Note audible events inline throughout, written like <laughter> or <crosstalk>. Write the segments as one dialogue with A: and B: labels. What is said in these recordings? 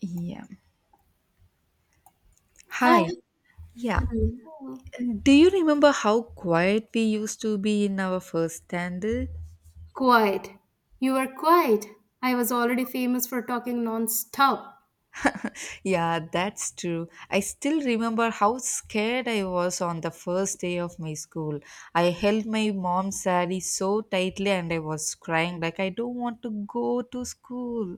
A: Yeah.
B: Hi,
A: Hi. Yeah.
B: hello.
A: Do you remember how quiet we used to be in our first standard?
B: Quiet. You were quiet. I was already famous for talking non-stop.
A: Yeah, that's true. I still remember how scared I was on the first day of my school. I held my mom's saree so tightly and I was crying like I don't want to go to school.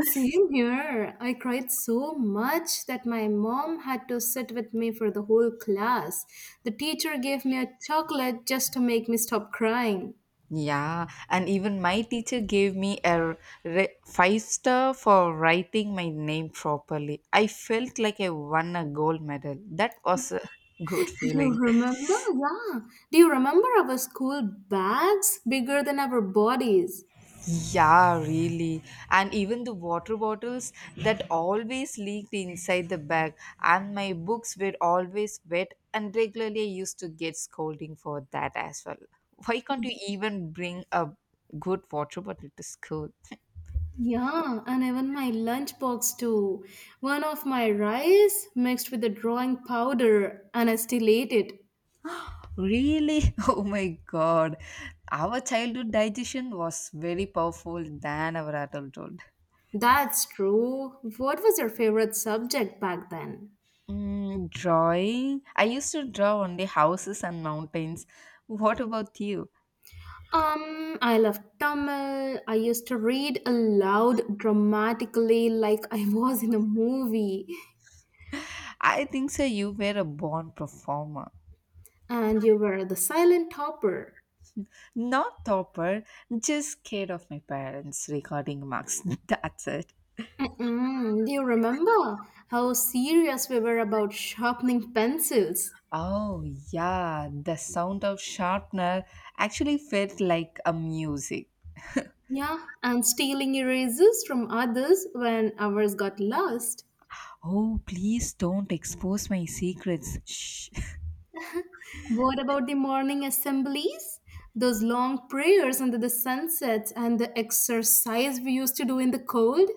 B: Same here. I cried so much that my mom had to sit with me for the whole class. The teacher gave me a chocolate just to make me stop crying.
A: Yeah, and even my teacher gave me a five star for writing my name properly. I felt like I won a gold medal. That was a <laughs> good
B: Do you
A: feeling.
B: remember? Yeah. Do you remember our school bags? Bigger than our bodies.
A: Yeah, really. And even the water bottles that always leaked inside the bag, and my books were always wet, and regularly I used to get scolding for that as well. Why can't you even bring a good water bottle to school?
B: Yeah, and even my lunchbox too. One of my rice mixed with the drawing powder, and I still ate it.
A: Really? <laughs> Oh my god. Our childhood digestion was very powerful than our adulthood.
B: That's true. What was your favorite subject back then?
A: Mm, drawing? I used to draw only houses and mountains. What about you?
B: I loved Tamil. I used to read aloud dramatically like I was in a movie.
A: I think so you were a born performer.
B: And you were the silent topper.
A: Not topper, just scared of my parents recording marks. <laughs> That's it.
B: Mm-mm. Do you remember how serious we were about sharpening pencils?
A: Oh yeah, the sound of sharpener actually felt like a music.
B: Yeah, and stealing erasers from others when ours got lost.
A: Oh, please don't expose my secrets. Shh. <laughs>
B: What about the morning assemblies? Those long prayers under the sunset and the exercise we used to do in the cold?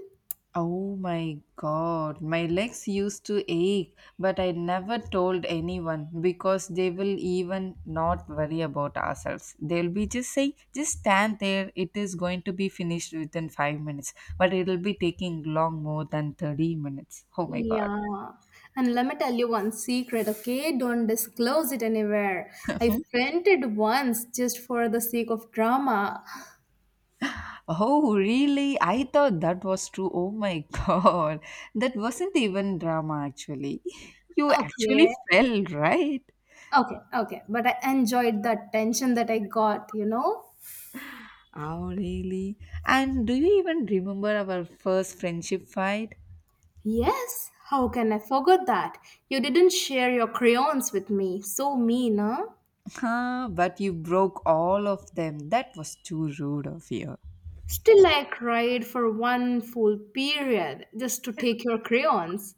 A: Oh my god, my legs used to ache, but I never told anyone because they will even not worry about ourselves. They'll be just saying, just stand there, it is going to be finished within 5 minutes, but it'll be taking long more than 30 minutes. Oh my god.
B: Yeah. And let me tell you one secret, okay? Don't disclose it anywhere. I
A: <laughs>
B: fainted once just for the sake of drama.
A: Oh, really? I thought that was true. Oh my <laughs> God. That wasn't even drama, actually. <laughs> You
B: Okay.
A: actually fell, right?
B: Okay, okay. But I enjoyed that tension that I got, you know?
A: Oh, really? And do you even remember our first friendship fight?
B: Yes, how can I forget that? You didn't share your crayons with me. So mean, huh?
A: Huh, but you broke all of them. That was too rude of you.
B: Still, I cried for one full period just to take your crayons.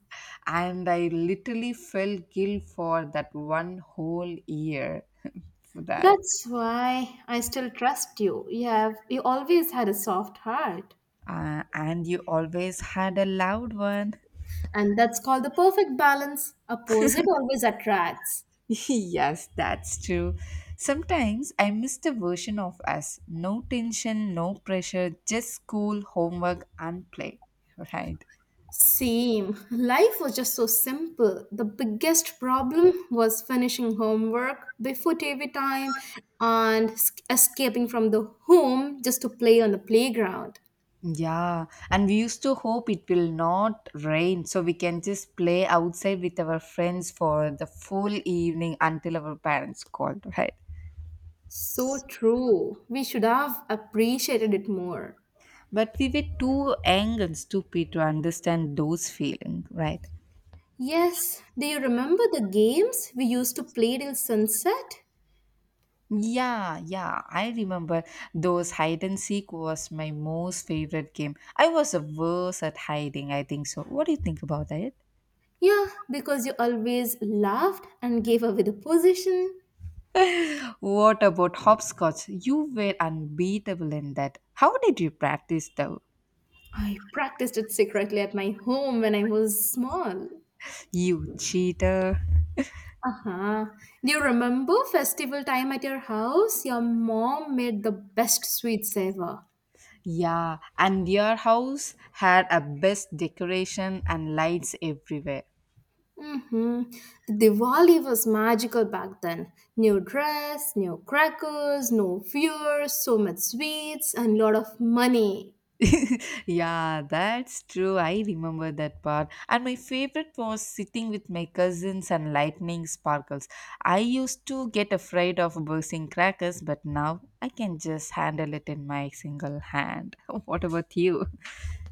A: And I literally felt guilt for that one whole year <laughs> for that.
B: That's why I still trust you. You have you always had a soft heart.
A: And you always had a loud one.
B: And that's called the perfect balance. Opposite always attracts.
A: <laughs> Yes, that's true. Sometimes I miss the version of us. No tension, no pressure, just school, homework, and play. <laughs> Right.
B: Same. Life was just so simple. The biggest problem was finishing homework before TV time and escaping from the home just to play on the playground.
A: Yeah, and we used to hope it will not rain so we can just play outside with our friends for the full evening until our parents called, <laughs> right?
B: So true. We should have appreciated it more.
A: But we were too young and stupid to understand those feelings, right?
B: Yes, do you remember the games we used to play till sunset?
A: Yeah, yeah, I remember those hide and seek was my most favorite game. I was a worse at hiding, I think so. What do you think about it?
B: Yeah, because you always laughed and gave away the position.
A: What about hopscotch? You were unbeatable in that. How did you practice though?
B: I practiced it secretly at my home when I was small.
A: You cheater.
B: Uh-huh. Do you remember festival time at your house? Your mom made the best sweets ever.
A: Yeah, and your house had a best decoration and lights everywhere.
B: Mm-hmm. The Diwali was magical back then. New dress, new crackers, no fear, so much sweets, and lot of money.
A: <laughs> Yeah, that's true. I remember that part. And my favorite was sitting with my cousins and lightning sparkles. I used to get afraid of bursting crackers, but now I can just handle it in my single hand. <laughs> What about you? <laughs>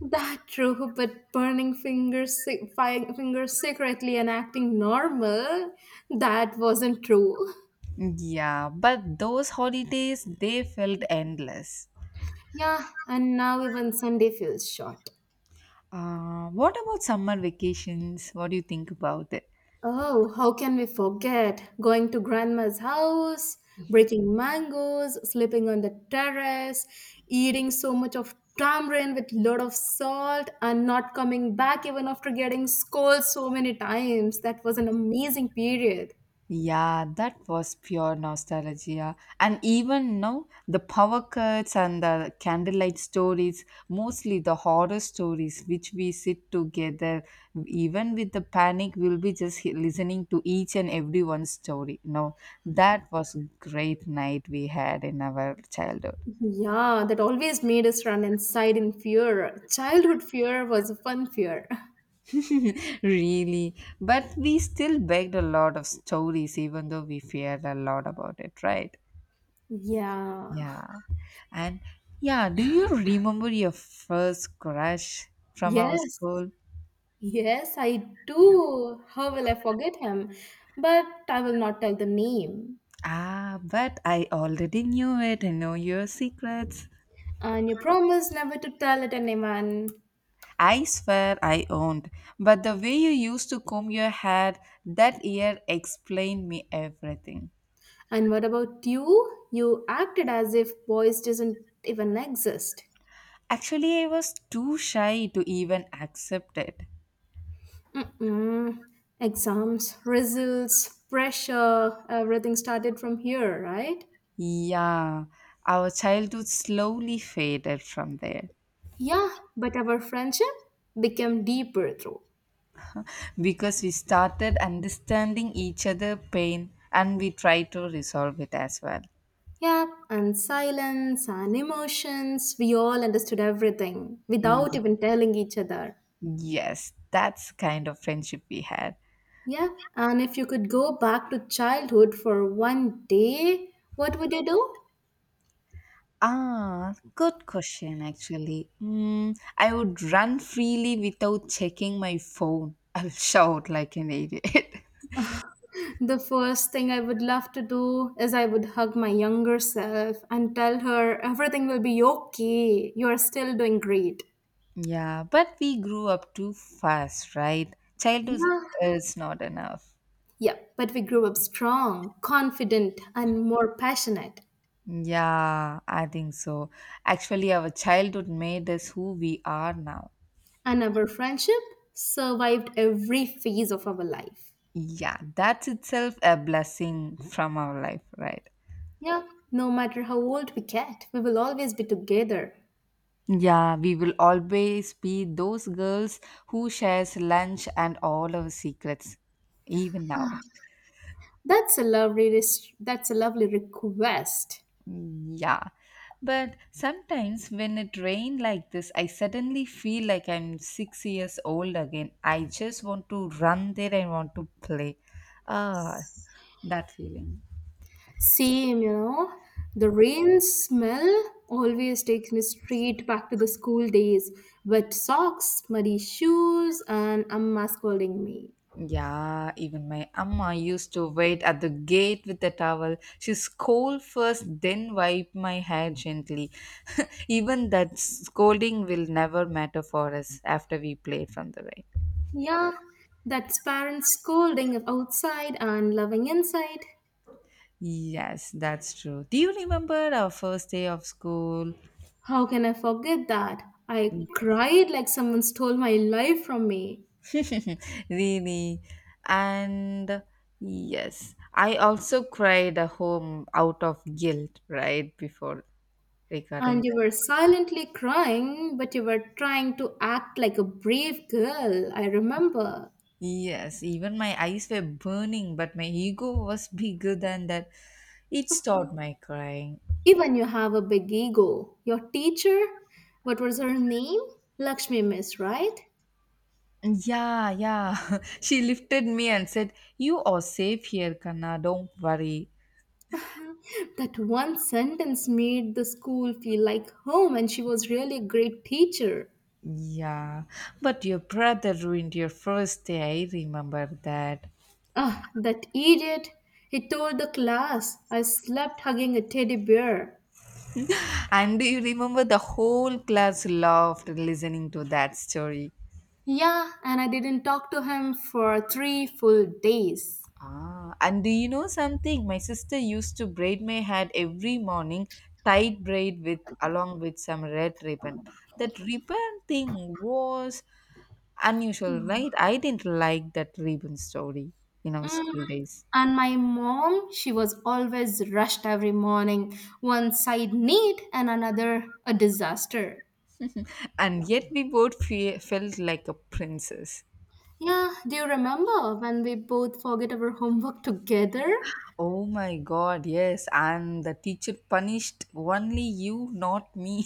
B: That true, but burning fingers, fingers secretly and acting normal, that wasn't true.
A: Yeah, but those holidays, they felt endless.
B: Yeah, and now even Sunday feels short.
A: What about summer vacations? What do you think about it?
B: Oh, how can we forget? Going to grandma's house, breaking mangoes, sleeping on the terrace, eating so much of tamarind with lot of salt and not coming back even after getting scolded so many times. That was an amazing period.
A: Yeah, that was pure nostalgia. And even now, the power cuts and the candlelight stories, mostly the horror stories, which we sit together, even with the panic, we'll be just listening to each and every one's story. No, that was great night we had in our childhood.
B: Yeah, that always made us run inside in fear. Childhood fear was a fun fear. <laughs>
A: <laughs> Really. But we still begged a lot of stories, even though we feared a lot about it, right?
B: Yeah.
A: Yeah. And yeah, do you remember your first crush from our
B: Yes.
A: school?
B: Yes, I do. How will I forget him? But I will not tell the name.
A: Ah, but I already knew it. I know your secrets.
B: And you promised never to tell it anyone.
A: I swear I owned. But the way you used to comb your hair that year explained me everything.
B: And what about you? You acted as if boys doesn't even exist.
A: Actually, I was too shy to even accept it.
B: Mm-mm. Exams, results, pressure, everything started from here, right?
A: Yeah, our childhood slowly faded from there.
B: Yeah, but our friendship became deeper through.
A: Because we started understanding each other pain and we try to resolve it as well.
B: Yep, and silence and emotions, we all understood everything without
A: Mm.
B: even telling each other.
A: Yes, that's kind of friendship we had.
B: Yeah, and if you could go back to childhood for one day, what would you do?
A: Ah, good question actually. I would run freely without checking my phone. <laughs> I'll shout like an idiot.
B: The first thing I would love to do is I would hug my younger self and tell her everything will be okay. You are still doing great.
A: <laughs> Yeah, but we grew up too fast, right? Childhood
B: Yeah.
A: is not enough.
B: Yeah, but we grew up strong, confident, and more passionate.
A: Yeah, I think so. Actually our childhood made us who we are now.
B: And our friendship survived every phase of our life.
A: Yeah, that's itself a blessing from our life, right?
B: Yeah, no matter how old we get, we will always be together.
A: Yeah, we will always be those girls who shares lunch and all our secrets, even now.
B: That's a lovely request.
A: Yeah. But sometimes when it rains like this, I suddenly feel like I'm 6 years old again. I just want to run there and want to play. Ah, that feeling.
B: Same, you know. The rain smell always takes me straight back to the school days. Wet socks, muddy shoes, and Amma scolding me.
A: Yeah, even my amma used to wait at the gate with the towel. She scold first, then wipe my hair gently. <laughs> Even that scolding will never matter for us after we play from the rain.
B: Yeah, that's parents scolding outside and loving inside.
A: Yes, that's true. Do you remember our first day of school?
B: How can I forget that? I
A: Yeah.
B: cried like someone stole my life from me.
A: <laughs> Really. And yes, I also cried at home out of guilt right before
B: And
A: recording.
B: you were silently crying, but you were trying to act like a brave girl, I remember.
A: Yes, even my eyes were burning, but my ego was <laughs> bigger than that. It stopped my crying.
B: Even you have a big ego. Your teacher, what was her name? Lakshmi Miss, right?
A: Yeah, yeah. <laughs> She lifted me and said, "You are safe here, Kana. Don't worry."
B: That one sentence made the school feel like home, and she was really a great teacher.
A: Yeah, but your brother ruined your first day. I remember that.
B: Ah, that idiot! He told the class I slept hugging a teddy bear.
A: And do you remember the whole class laughed listening to that story?
B: Yeah, and I didn't talk to him for three full days.
A: Ah, and do you know something? My sister used to braid my hair every morning, tight braid with along with some red ribbon. That ribbon thing was unusual, right? I didn't like that ribbon story in our
B: Mm.
A: school days,
B: And my mom, she was always rushed every morning, one side neat and another a disaster.
A: and yet we both felt like a princess.
B: Yeah, do you remember when we both forget our homework <laughs> together
A: Oh my god, yes, and the teacher punished only you, not me.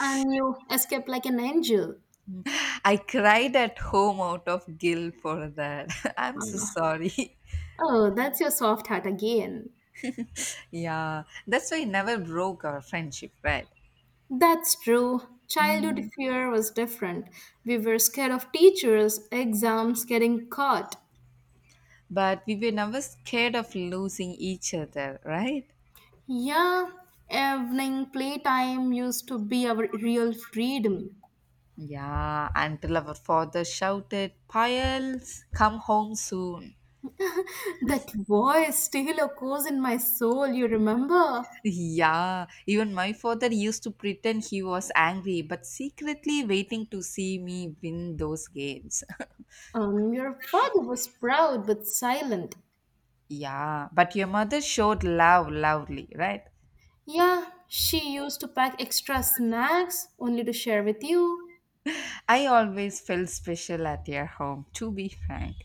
B: and you escaped like an angel?
A: <laughs> I cried at home out of guilt for that. <laughs> I'm so
B: Uh,
A: sorry.
B: oh, that's your soft heart again.
A: Yeah, that's why it never broke our friendship, right?
B: That's true. Childhood
A: Mm.
B: fear was different. We were scared of teachers, exams, getting caught.
A: But we were never scared of losing each other, right?
B: Yeah, evening playtime used to be our real freedom.
A: Yeah, until our father shouted, "Piles, come home soon." <laughs>
B: That voice still echoes in my soul, you remember?
A: Yeah, even my father used to pretend he was angry, but secretly waiting to see me win those games.
B: Your father was proud but silent.
A: <laughs> Yeah, but your mother showed love loudly, right?
B: Yeah, she used to pack extra snacks only to share with you.
A: I always felt special at your home, to be frank.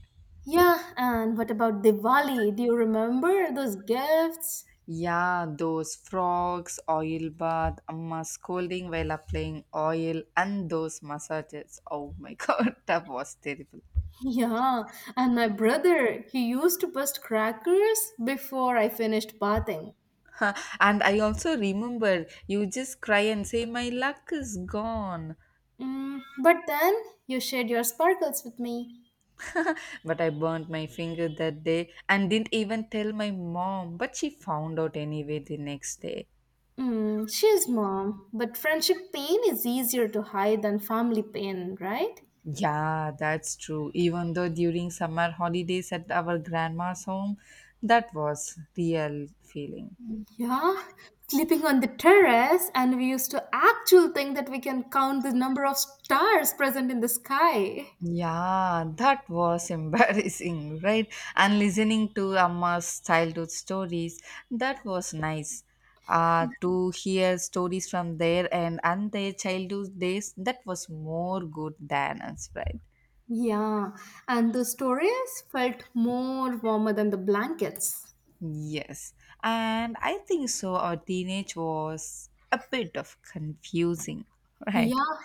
B: Yeah, and what about Diwali? Do you remember those gifts? <laughs>
A: Yeah, those frogs, oil bath, amma scolding while applying oil, and those massages. Oh my <laughs> god, that was terrible.
B: Yeah, and my brother, he used to bust crackers before I finished bathing.
A: Huh, and I also remember you just cry and say, "My luck is gone."
B: Mm, but then you shared your sparkles with me.
A: But I burnt my finger that day and didn't even tell my mom, but she found out anyway the next day.
B: Mm, she's mom, but friendship pain is easier to hide than family pain, right?
A: Yeah, that's true. Even though during summer holidays at our grandma's home, that was real feeling.
B: Yeah, sleeping on the terrace, and we used to actually think that we can count the number of stars present in the sky.
A: Yeah, that was <laughs> embarrassing, right? And listening to Amma's childhood stories, that was nice. To hear stories from their end and their childhood days, that was more good than us, right?
B: Yeah, and the stories felt more warmer than the blankets.
A: Yes, and I think so. Our teenage was a bit of confusing, <laughs> right?
B: Yeah,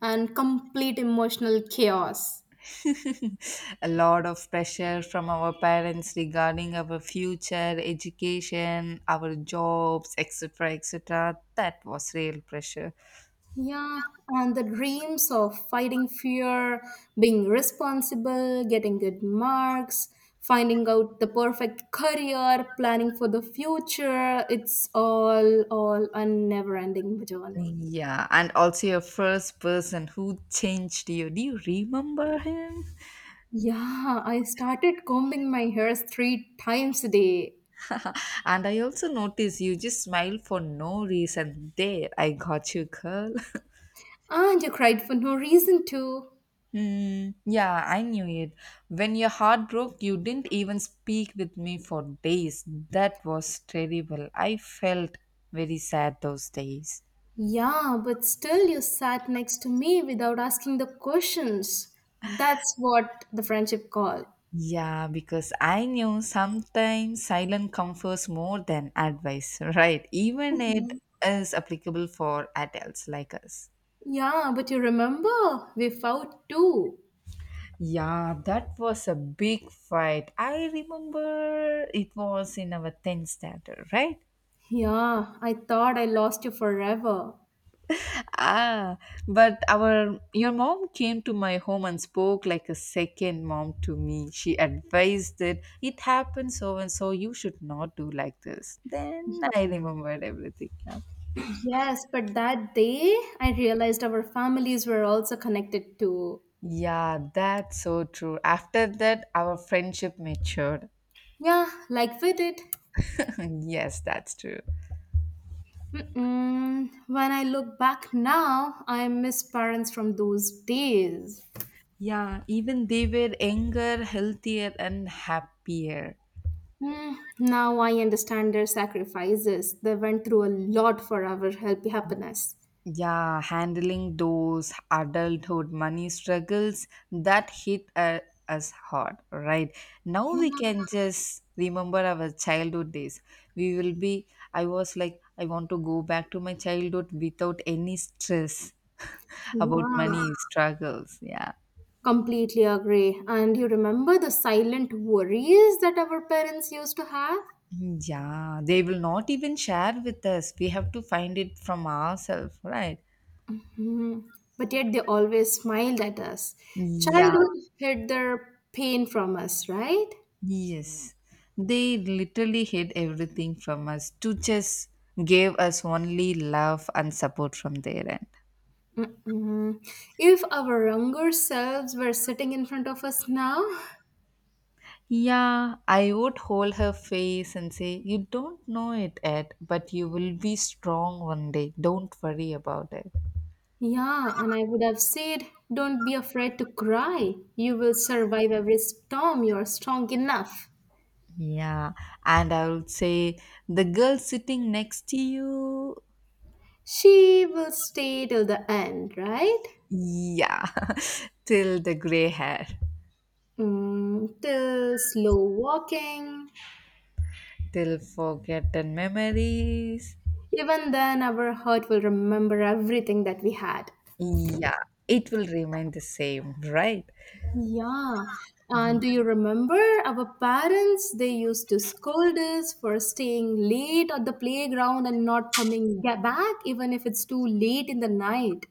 B: and complete emotional chaos.
A: <laughs> A lot of pressure from our parents regarding our future, education, our jobs, etc. etc. That was real pressure.
B: Yeah, and the dreams of fighting fear, being responsible, getting good marks, finding out the perfect career, planning for the future, it's all a never-ending journey.
A: Yeah, and also your first person who changed you. Do you remember him?
B: Yeah, I started combing my hairs three times a day.
A: <laughs> And I also noticed you just smile for no reason. There, I got you, girl.
B: And you cried for no reason too.
A: Mm, yeah, I knew it. When your heart broke, you didn't even speak with me for days. That was terrible. I felt very sad those days.
B: Yeah, but still you sat next to me without asking the questions. That's what the friendship call.
A: Yeah, because I knew sometimes silence comforts more than advice, <laughs> right? Even it
B: <laughs>
A: is applicable for adults like us.
B: Yeah, but you remember we fought too.
A: Yeah, that was a big fight. I remember it was in our 10th standard, right?
B: Yeah, I thought I lost you forever.
A: Ah, but our your mom came to my home and spoke like a second mom to me. She advised that it happened so and so you should not do like this. Then I remembered everything now.
B: Yes, but that day I realized our families were also connected too.
A: Yeah, that's so true. After that, our friendship matured.
B: Yeah, like we did.
A: <laughs> Yes, that's true.
B: Mm-mm. When I look back now, I miss parents from those days.
A: Yeah, even they were younger, healthier, and happier.
B: Hmm, now I understand their sacrifices. They went through a lot for our healthy happiness.
A: Yeah, handling those adulthood money struggles that hit us hard, right? Now
B: Yeah,
A: we can just remember our childhood days. We will be, I was like, I want to go back to my childhood without any stress <laughs> about money
B: yeah.
A: struggles. Yeah.
B: Completely agree. And you remember the silent worries that our parents used to have?
A: Yeah, they will not even share with us. We have to find it from ourselves, right?
B: Hmm. But yet they always smiled at us.
A: Yeah,
B: Childhood hid their pain from us, right?
A: yes, they literally hid everything from us to just gave us only love and support from their end.
B: Mm-mm. If our younger selves were sitting in front of us now,
A: Yeah, I would hold her face and say, "You don't know it yet, but you will be strong one day. Don't worry about it."
B: yeah, and I would have said, don't be afraid to cry. You will survive every storm. You are strong enough.
A: Yeah, and I would say, the girl sitting next to you,
B: She will stay till the end, right?
A: yeah, <laughs> till the gray hair,
B: Mm, till slow walking.
A: till forgotten memories,
B: Even then, our heart will remember everything that we had.
A: yeah, it will remain the same, right?
B: Yeah. And do you remember our parents? They used to scold us for staying late at the playground and not coming back, even if it's too late in the night.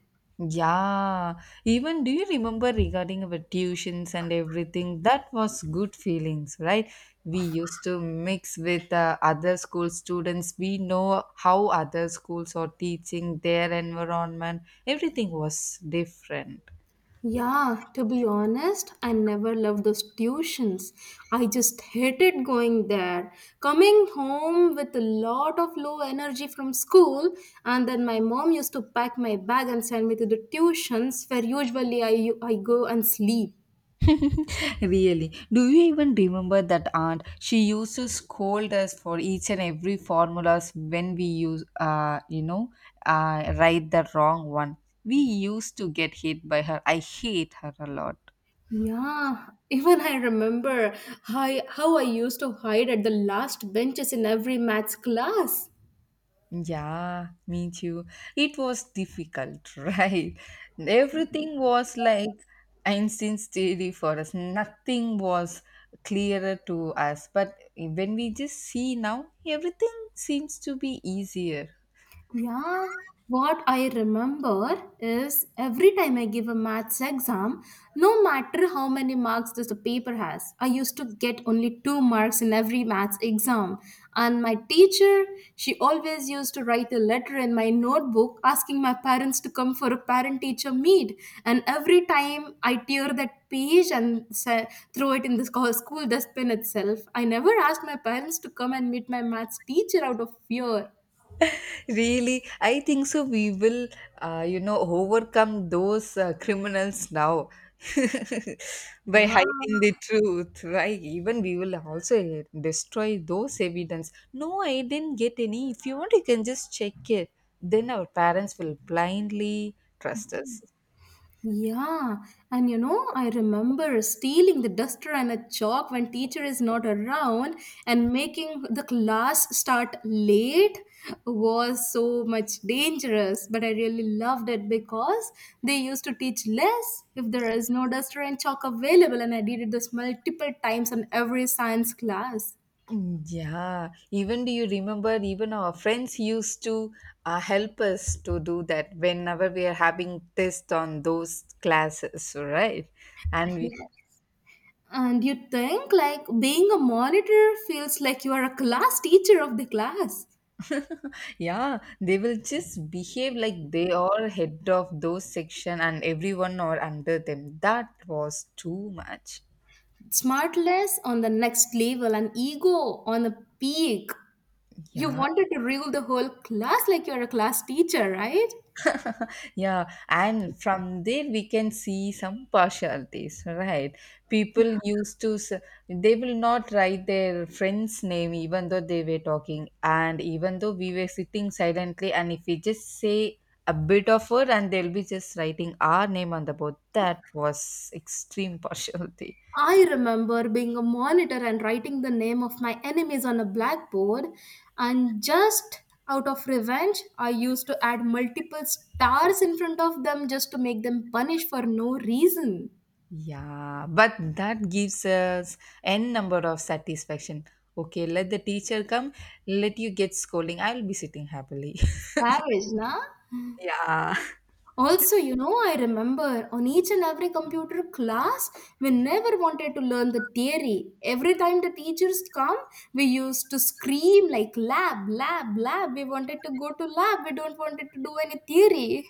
A: Yeah, even do you remember regarding our tuitions and everything? That was good feelings, right? We used to mix with other school students. We know how other schools are teaching, their environment. Everything was different.
B: Yeah, to be honest, I never loved those tuitions. I just hated going there. Coming home with a lot of low energy from school, and then my mom used to pack my bag and send me to the tuitions where usually I go and sleep.
A: <laughs> Really, do you even remember that aunt? She used to scold us for each and every formulas when we use write the wrong one. We used to get hit by her. I hate her a lot.
B: Yeah, <laughs> even I remember how I used to hide at the last benches in every maths class.
A: Yeah, me too. It was difficult, <laughs> right? Everything was like Einstein's theory for us. Nothing was clearer to us, but when we just see now everything seems to be easier.
B: Yeah, what I remember is every time I give a maths exam, no matter how many marks this the paper has, I used to get only two marks in every maths exam. And my teacher, she always used to write a letter in my notebook asking my parents to come for a parent teacher meet. And every time I tear that page and throw it in the school dustbin itself, I never asked my parents to come and meet my maths teacher out of fear.
A: Really? I think so we will overcome those criminals now <laughs> by
B: Wow.
A: hiding the truth, right? Even we will also destroy those evidence. No, I didn't get any. If you want you can just check it. Then our parents will blindly trust us.
B: Yeah, and you know, I remember stealing the duster and a chalk when teacher is not around and making the class start late was so much dangerous, but I really loved it because they used to teach less if there is no duster and chalk available and I did this multiple times on every science class.
A: Mm, yeah, even do you remember? Even our friends used to help us to do that whenever we are having test on those classes, right? And we,
B: Yeah. And you think like being a monitor feels like you are a class teacher of the class.
A: yeah, they will just behave like they are head of those section and everyone are under them. That was too much.
B: Smartness on the next level and ego on the peak. You
A: Yeah.
B: wanted to rule the whole class like you're a class teacher, right?
A: <laughs> Yeah, and from there we can see some partialities, right? People used to, s- They will not write their friend's name even though they were talking, and even though we were sitting silently, and if we just say a bit of word, and they'll be just writing our name on the board. That was extreme partiality.
B: I remember being a monitor and writing the name of my enemies on a blackboard, and just out of revenge, I used to add multiple stars in front of them just to make them punish for no reason.
A: Yeah, but that gives us n number of satisfaction. Okay, let the teacher come, let you get scolding. I'll be sitting happily.
B: Savage, nah?
A: Yeah, <laughs>
B: Also, you know, I remember on each and every computer class, we never wanted to learn the theory. Every time the teachers come, we used to scream like lab, lab, lab. We wanted to go to lab. We don't wanted to do any theory.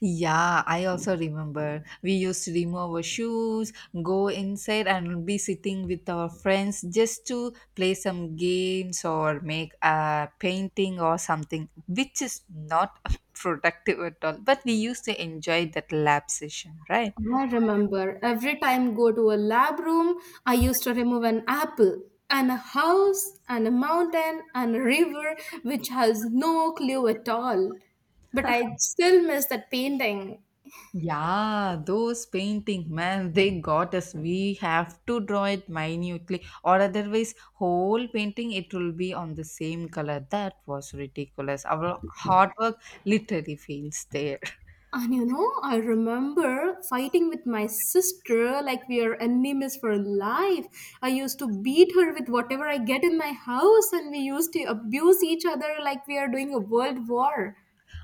A: yeah, I also remember. We used to remove our shoes, go inside, and be sitting with our friends just to play some games or make a painting or something, which is not <laughs> productive at all. But we used to enjoy that lab session, right?
B: I remember every time go to a lab room, I used to remove an apple and a house and a mountain and a river which has no clue at all. But I still miss that painting.
A: Yeah, those painting, man, they got us. We have to draw it minutely, or otherwise, whole painting it will be on the same color. That was ridiculous. Our hard work literally fails there. <laughs>
B: And you know, I remember fighting with my sister like we are enemies for life. I used to beat her with whatever I get in my house, and we used to abuse each other like we are doing a world war.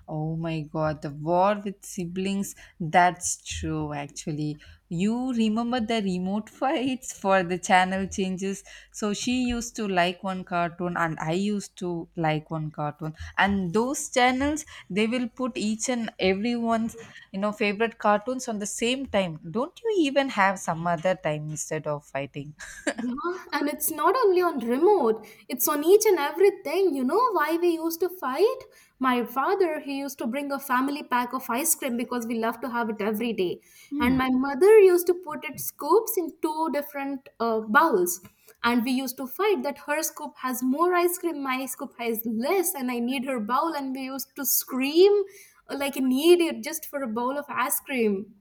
A: Oh my god, the war with siblings. That's true, actually. You remember the remote <laughs> fights for the channel changes? So she used to like one cartoon, and I used to like one cartoon. And those channels, they will put each and everyone's, favorite cartoons on the same time. Don't you even have some other time instead of fighting?
B: Yeah, and it's not only on remote, it's on each and everything. You know why we used to fight? My father, he used to bring a family pack of ice cream because we love to have it every day. And my
A: <laughs>
B: mother used to put its scoops in two different bowls. And we used to fight that her scoop has more ice cream, my scoop has less, and I need her bowl. And we used to scream like an idiot just for a bowl of ice cream.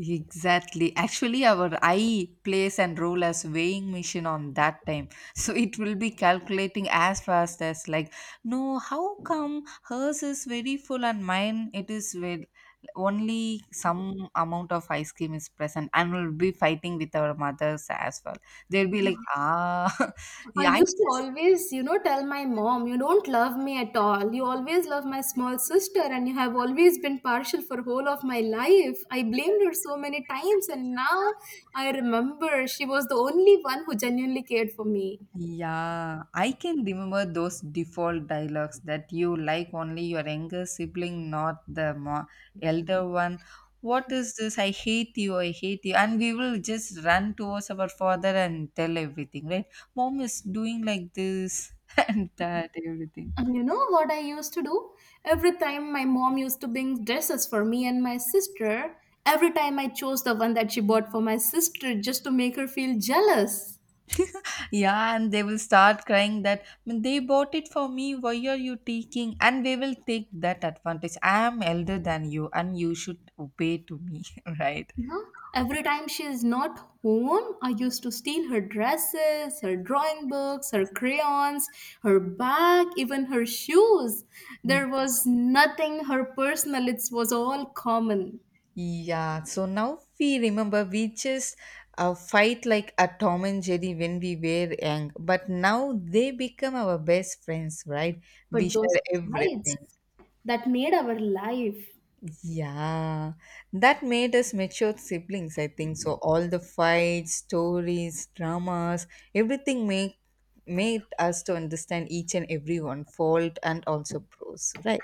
A: Exactly. Actually, our eye plays and role as weighing machine on that time. So it will be calculating as fast as like, no, how come hers is very full and mine it is with only some amount of ice cream is present, and we'll be fighting with our mothers as well. They'll be like, ah, <laughs>
B: I
A: yeah, I
B: used to
A: just
B: always, you know, tell my mom, you don't love me at all. You always love my small sister and you have always been partial for whole of my life. I blamed her so many times and now I remember she was the only one who genuinely cared for me.
A: yeah, I can remember those default dialogues that you like only your younger sibling, not elder one. What is this? I hate you, I hate you. And we will just run towards our father and tell everything, right? Mom is doing like this <laughs> and that, everything.
B: And you know what I used to do? Every time my mom used to bring dresses for me and my sister, every time I chose the one that she bought for my sister just to make her feel jealous.
A: Yeah, and they will start crying that "Mm, they bought it for me. Why are you taking? And we will take that advantage. I am elder than you, and you should obey to me, <laughs> right?
B: Yeah. Every time she is not home, I used to steal her dresses, her drawing books, her crayons, her bag, even her shoes. There was nothing her personal, it was all common.
A: Yeah, so now we remember we just fight like a Tom and Jerry when we were young, but now they become our best friends, right? We
B: But those
A: share everything.
B: fights that made our life.
A: Yeah, that made us mature siblings, I think. So all the fights, stories, dramas, everything make made us to understand each and every one fault and also pros, right?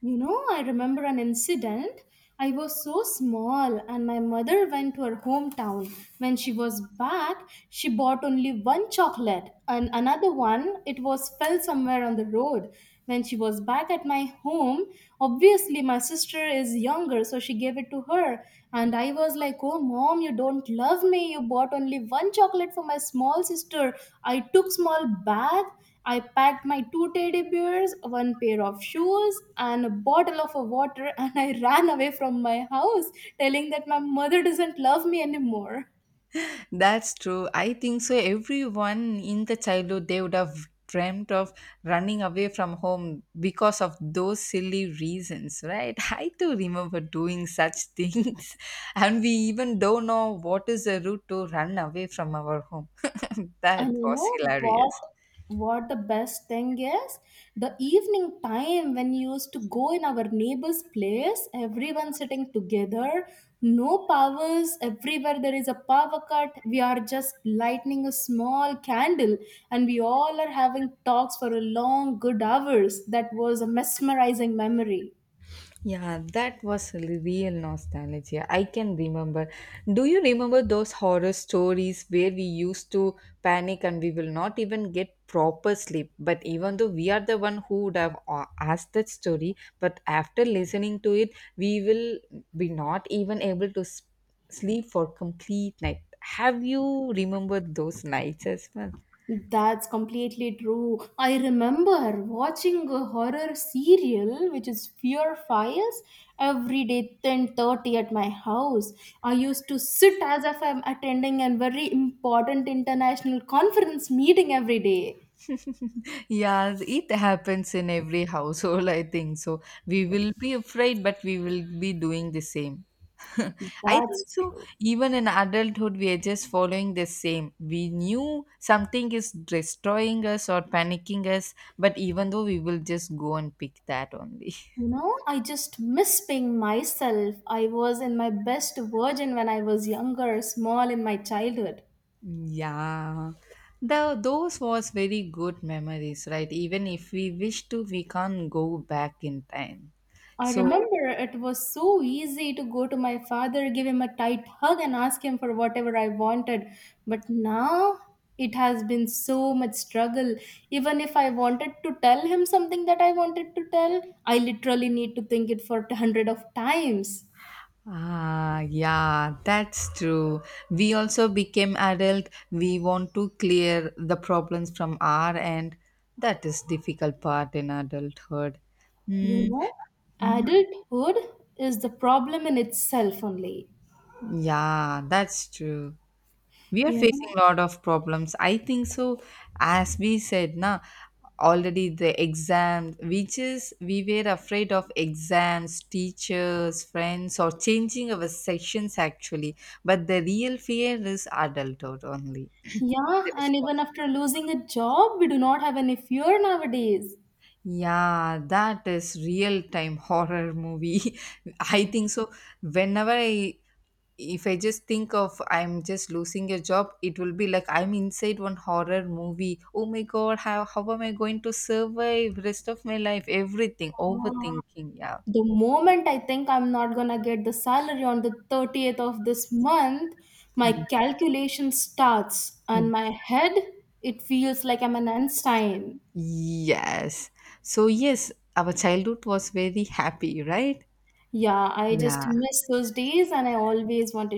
B: You know, I remember an incident. I was so small, and my mother went to her hometown. When she was back, she bought only one chocolate, and another one, it was fell somewhere on the road. When she was back at my home, obviously my sister is younger, so she gave it to her. And I was like, oh, mom, you don't love me. You bought only one chocolate for my small sister. I took small bag. I packed my two teddy bears, one pair of shoes, and a bottle of water, <laughs> and I ran away from my house, telling that my mother doesn't love me anymore.
A: That's true. I think so. Everyone in the childhood they would have dreamt of running away from home because of those silly reasons, right? <laughs> I too remember doing such things, <laughs> and we even don't know what is the route to run away from our home. <laughs>
B: And
A: That
B: you
A: was
B: know
A: hilarious.
B: what? What the best thing is? The evening time when you used to go in our neighbor's place, everyone sitting together, no powers, everywhere there is a power cut. We are just lighting a small candle and we all are having talks for a long, good hours. That was a mesmerizing memory.
A: Yeah, that was real nostalgia. I can remember. Do you remember those horror stories where we used to panic and we will not even get proper sleep? But even though we are the one who would have asked that story, but after listening to it, we will be not even able to sleep for complete night. Have you remembered those nights as well?
B: That's completely true. I remember watching a horror serial which is Fear Fires every day 10:30 at my house. I used to sit as if I'm attending a very important international conference meeting every day.
A: Yes, it happens in every household, I think. So we will be afraid, but we will be doing the same. <laughs> I think
B: That's
A: so.
B: true.
A: Even in adulthood, we are just following the same. We knew something is destroying us or panicking us, but even though we will just go and pick that only. <laughs>
B: You know, I just miss being myself. I was in my best version when I was younger, small in my childhood.
A: Yeah. Those was very good memories, right? Even if we wish to, we can't go back in time.
B: I
A: So
B: remember it was so easy to go to my father, give him a tight hug, and ask him for whatever I wanted. But now it has been so much struggle. Even if I wanted to tell him something that I wanted to tell, I literally need to think it for hundred of times.
A: ah, yeah, that's true. We also became adult. We want to clear the problems from our end. That is difficult part in adulthood.
B: You
A: Hmm.
B: know, adulthood is the problem in itself only.
A: Yeah, that's true. We are
B: You
A: facing
B: know,
A: a lot of problems. I think so. As we said, na already the exam, which is we were afraid of exams, teachers, friends, or changing our sections actually. But the real fear is adulthood only. The
B: yeah, and even
A: response.
B: after losing a job, we do not have any fear nowadays.
A: Yeah, that is real time horror movie. <laughs> I think so. Whenever I, if I just think of I'm just losing a job, it will be like I'm inside one horror movie. Oh my god, how am I going to survive rest of my life? Everything,
B: Ah,
A: overthinking. Yeah.
B: the moment I think I'm not gonna get the salary on the 30th of this month, my calculation starts and
A: Mhm.
B: my head, it feels like I'm an Einstein.
A: Yes. So, yes, our childhood was very happy, right?
B: Yeah, I just
A: Yeah.
B: miss those days and I always wanted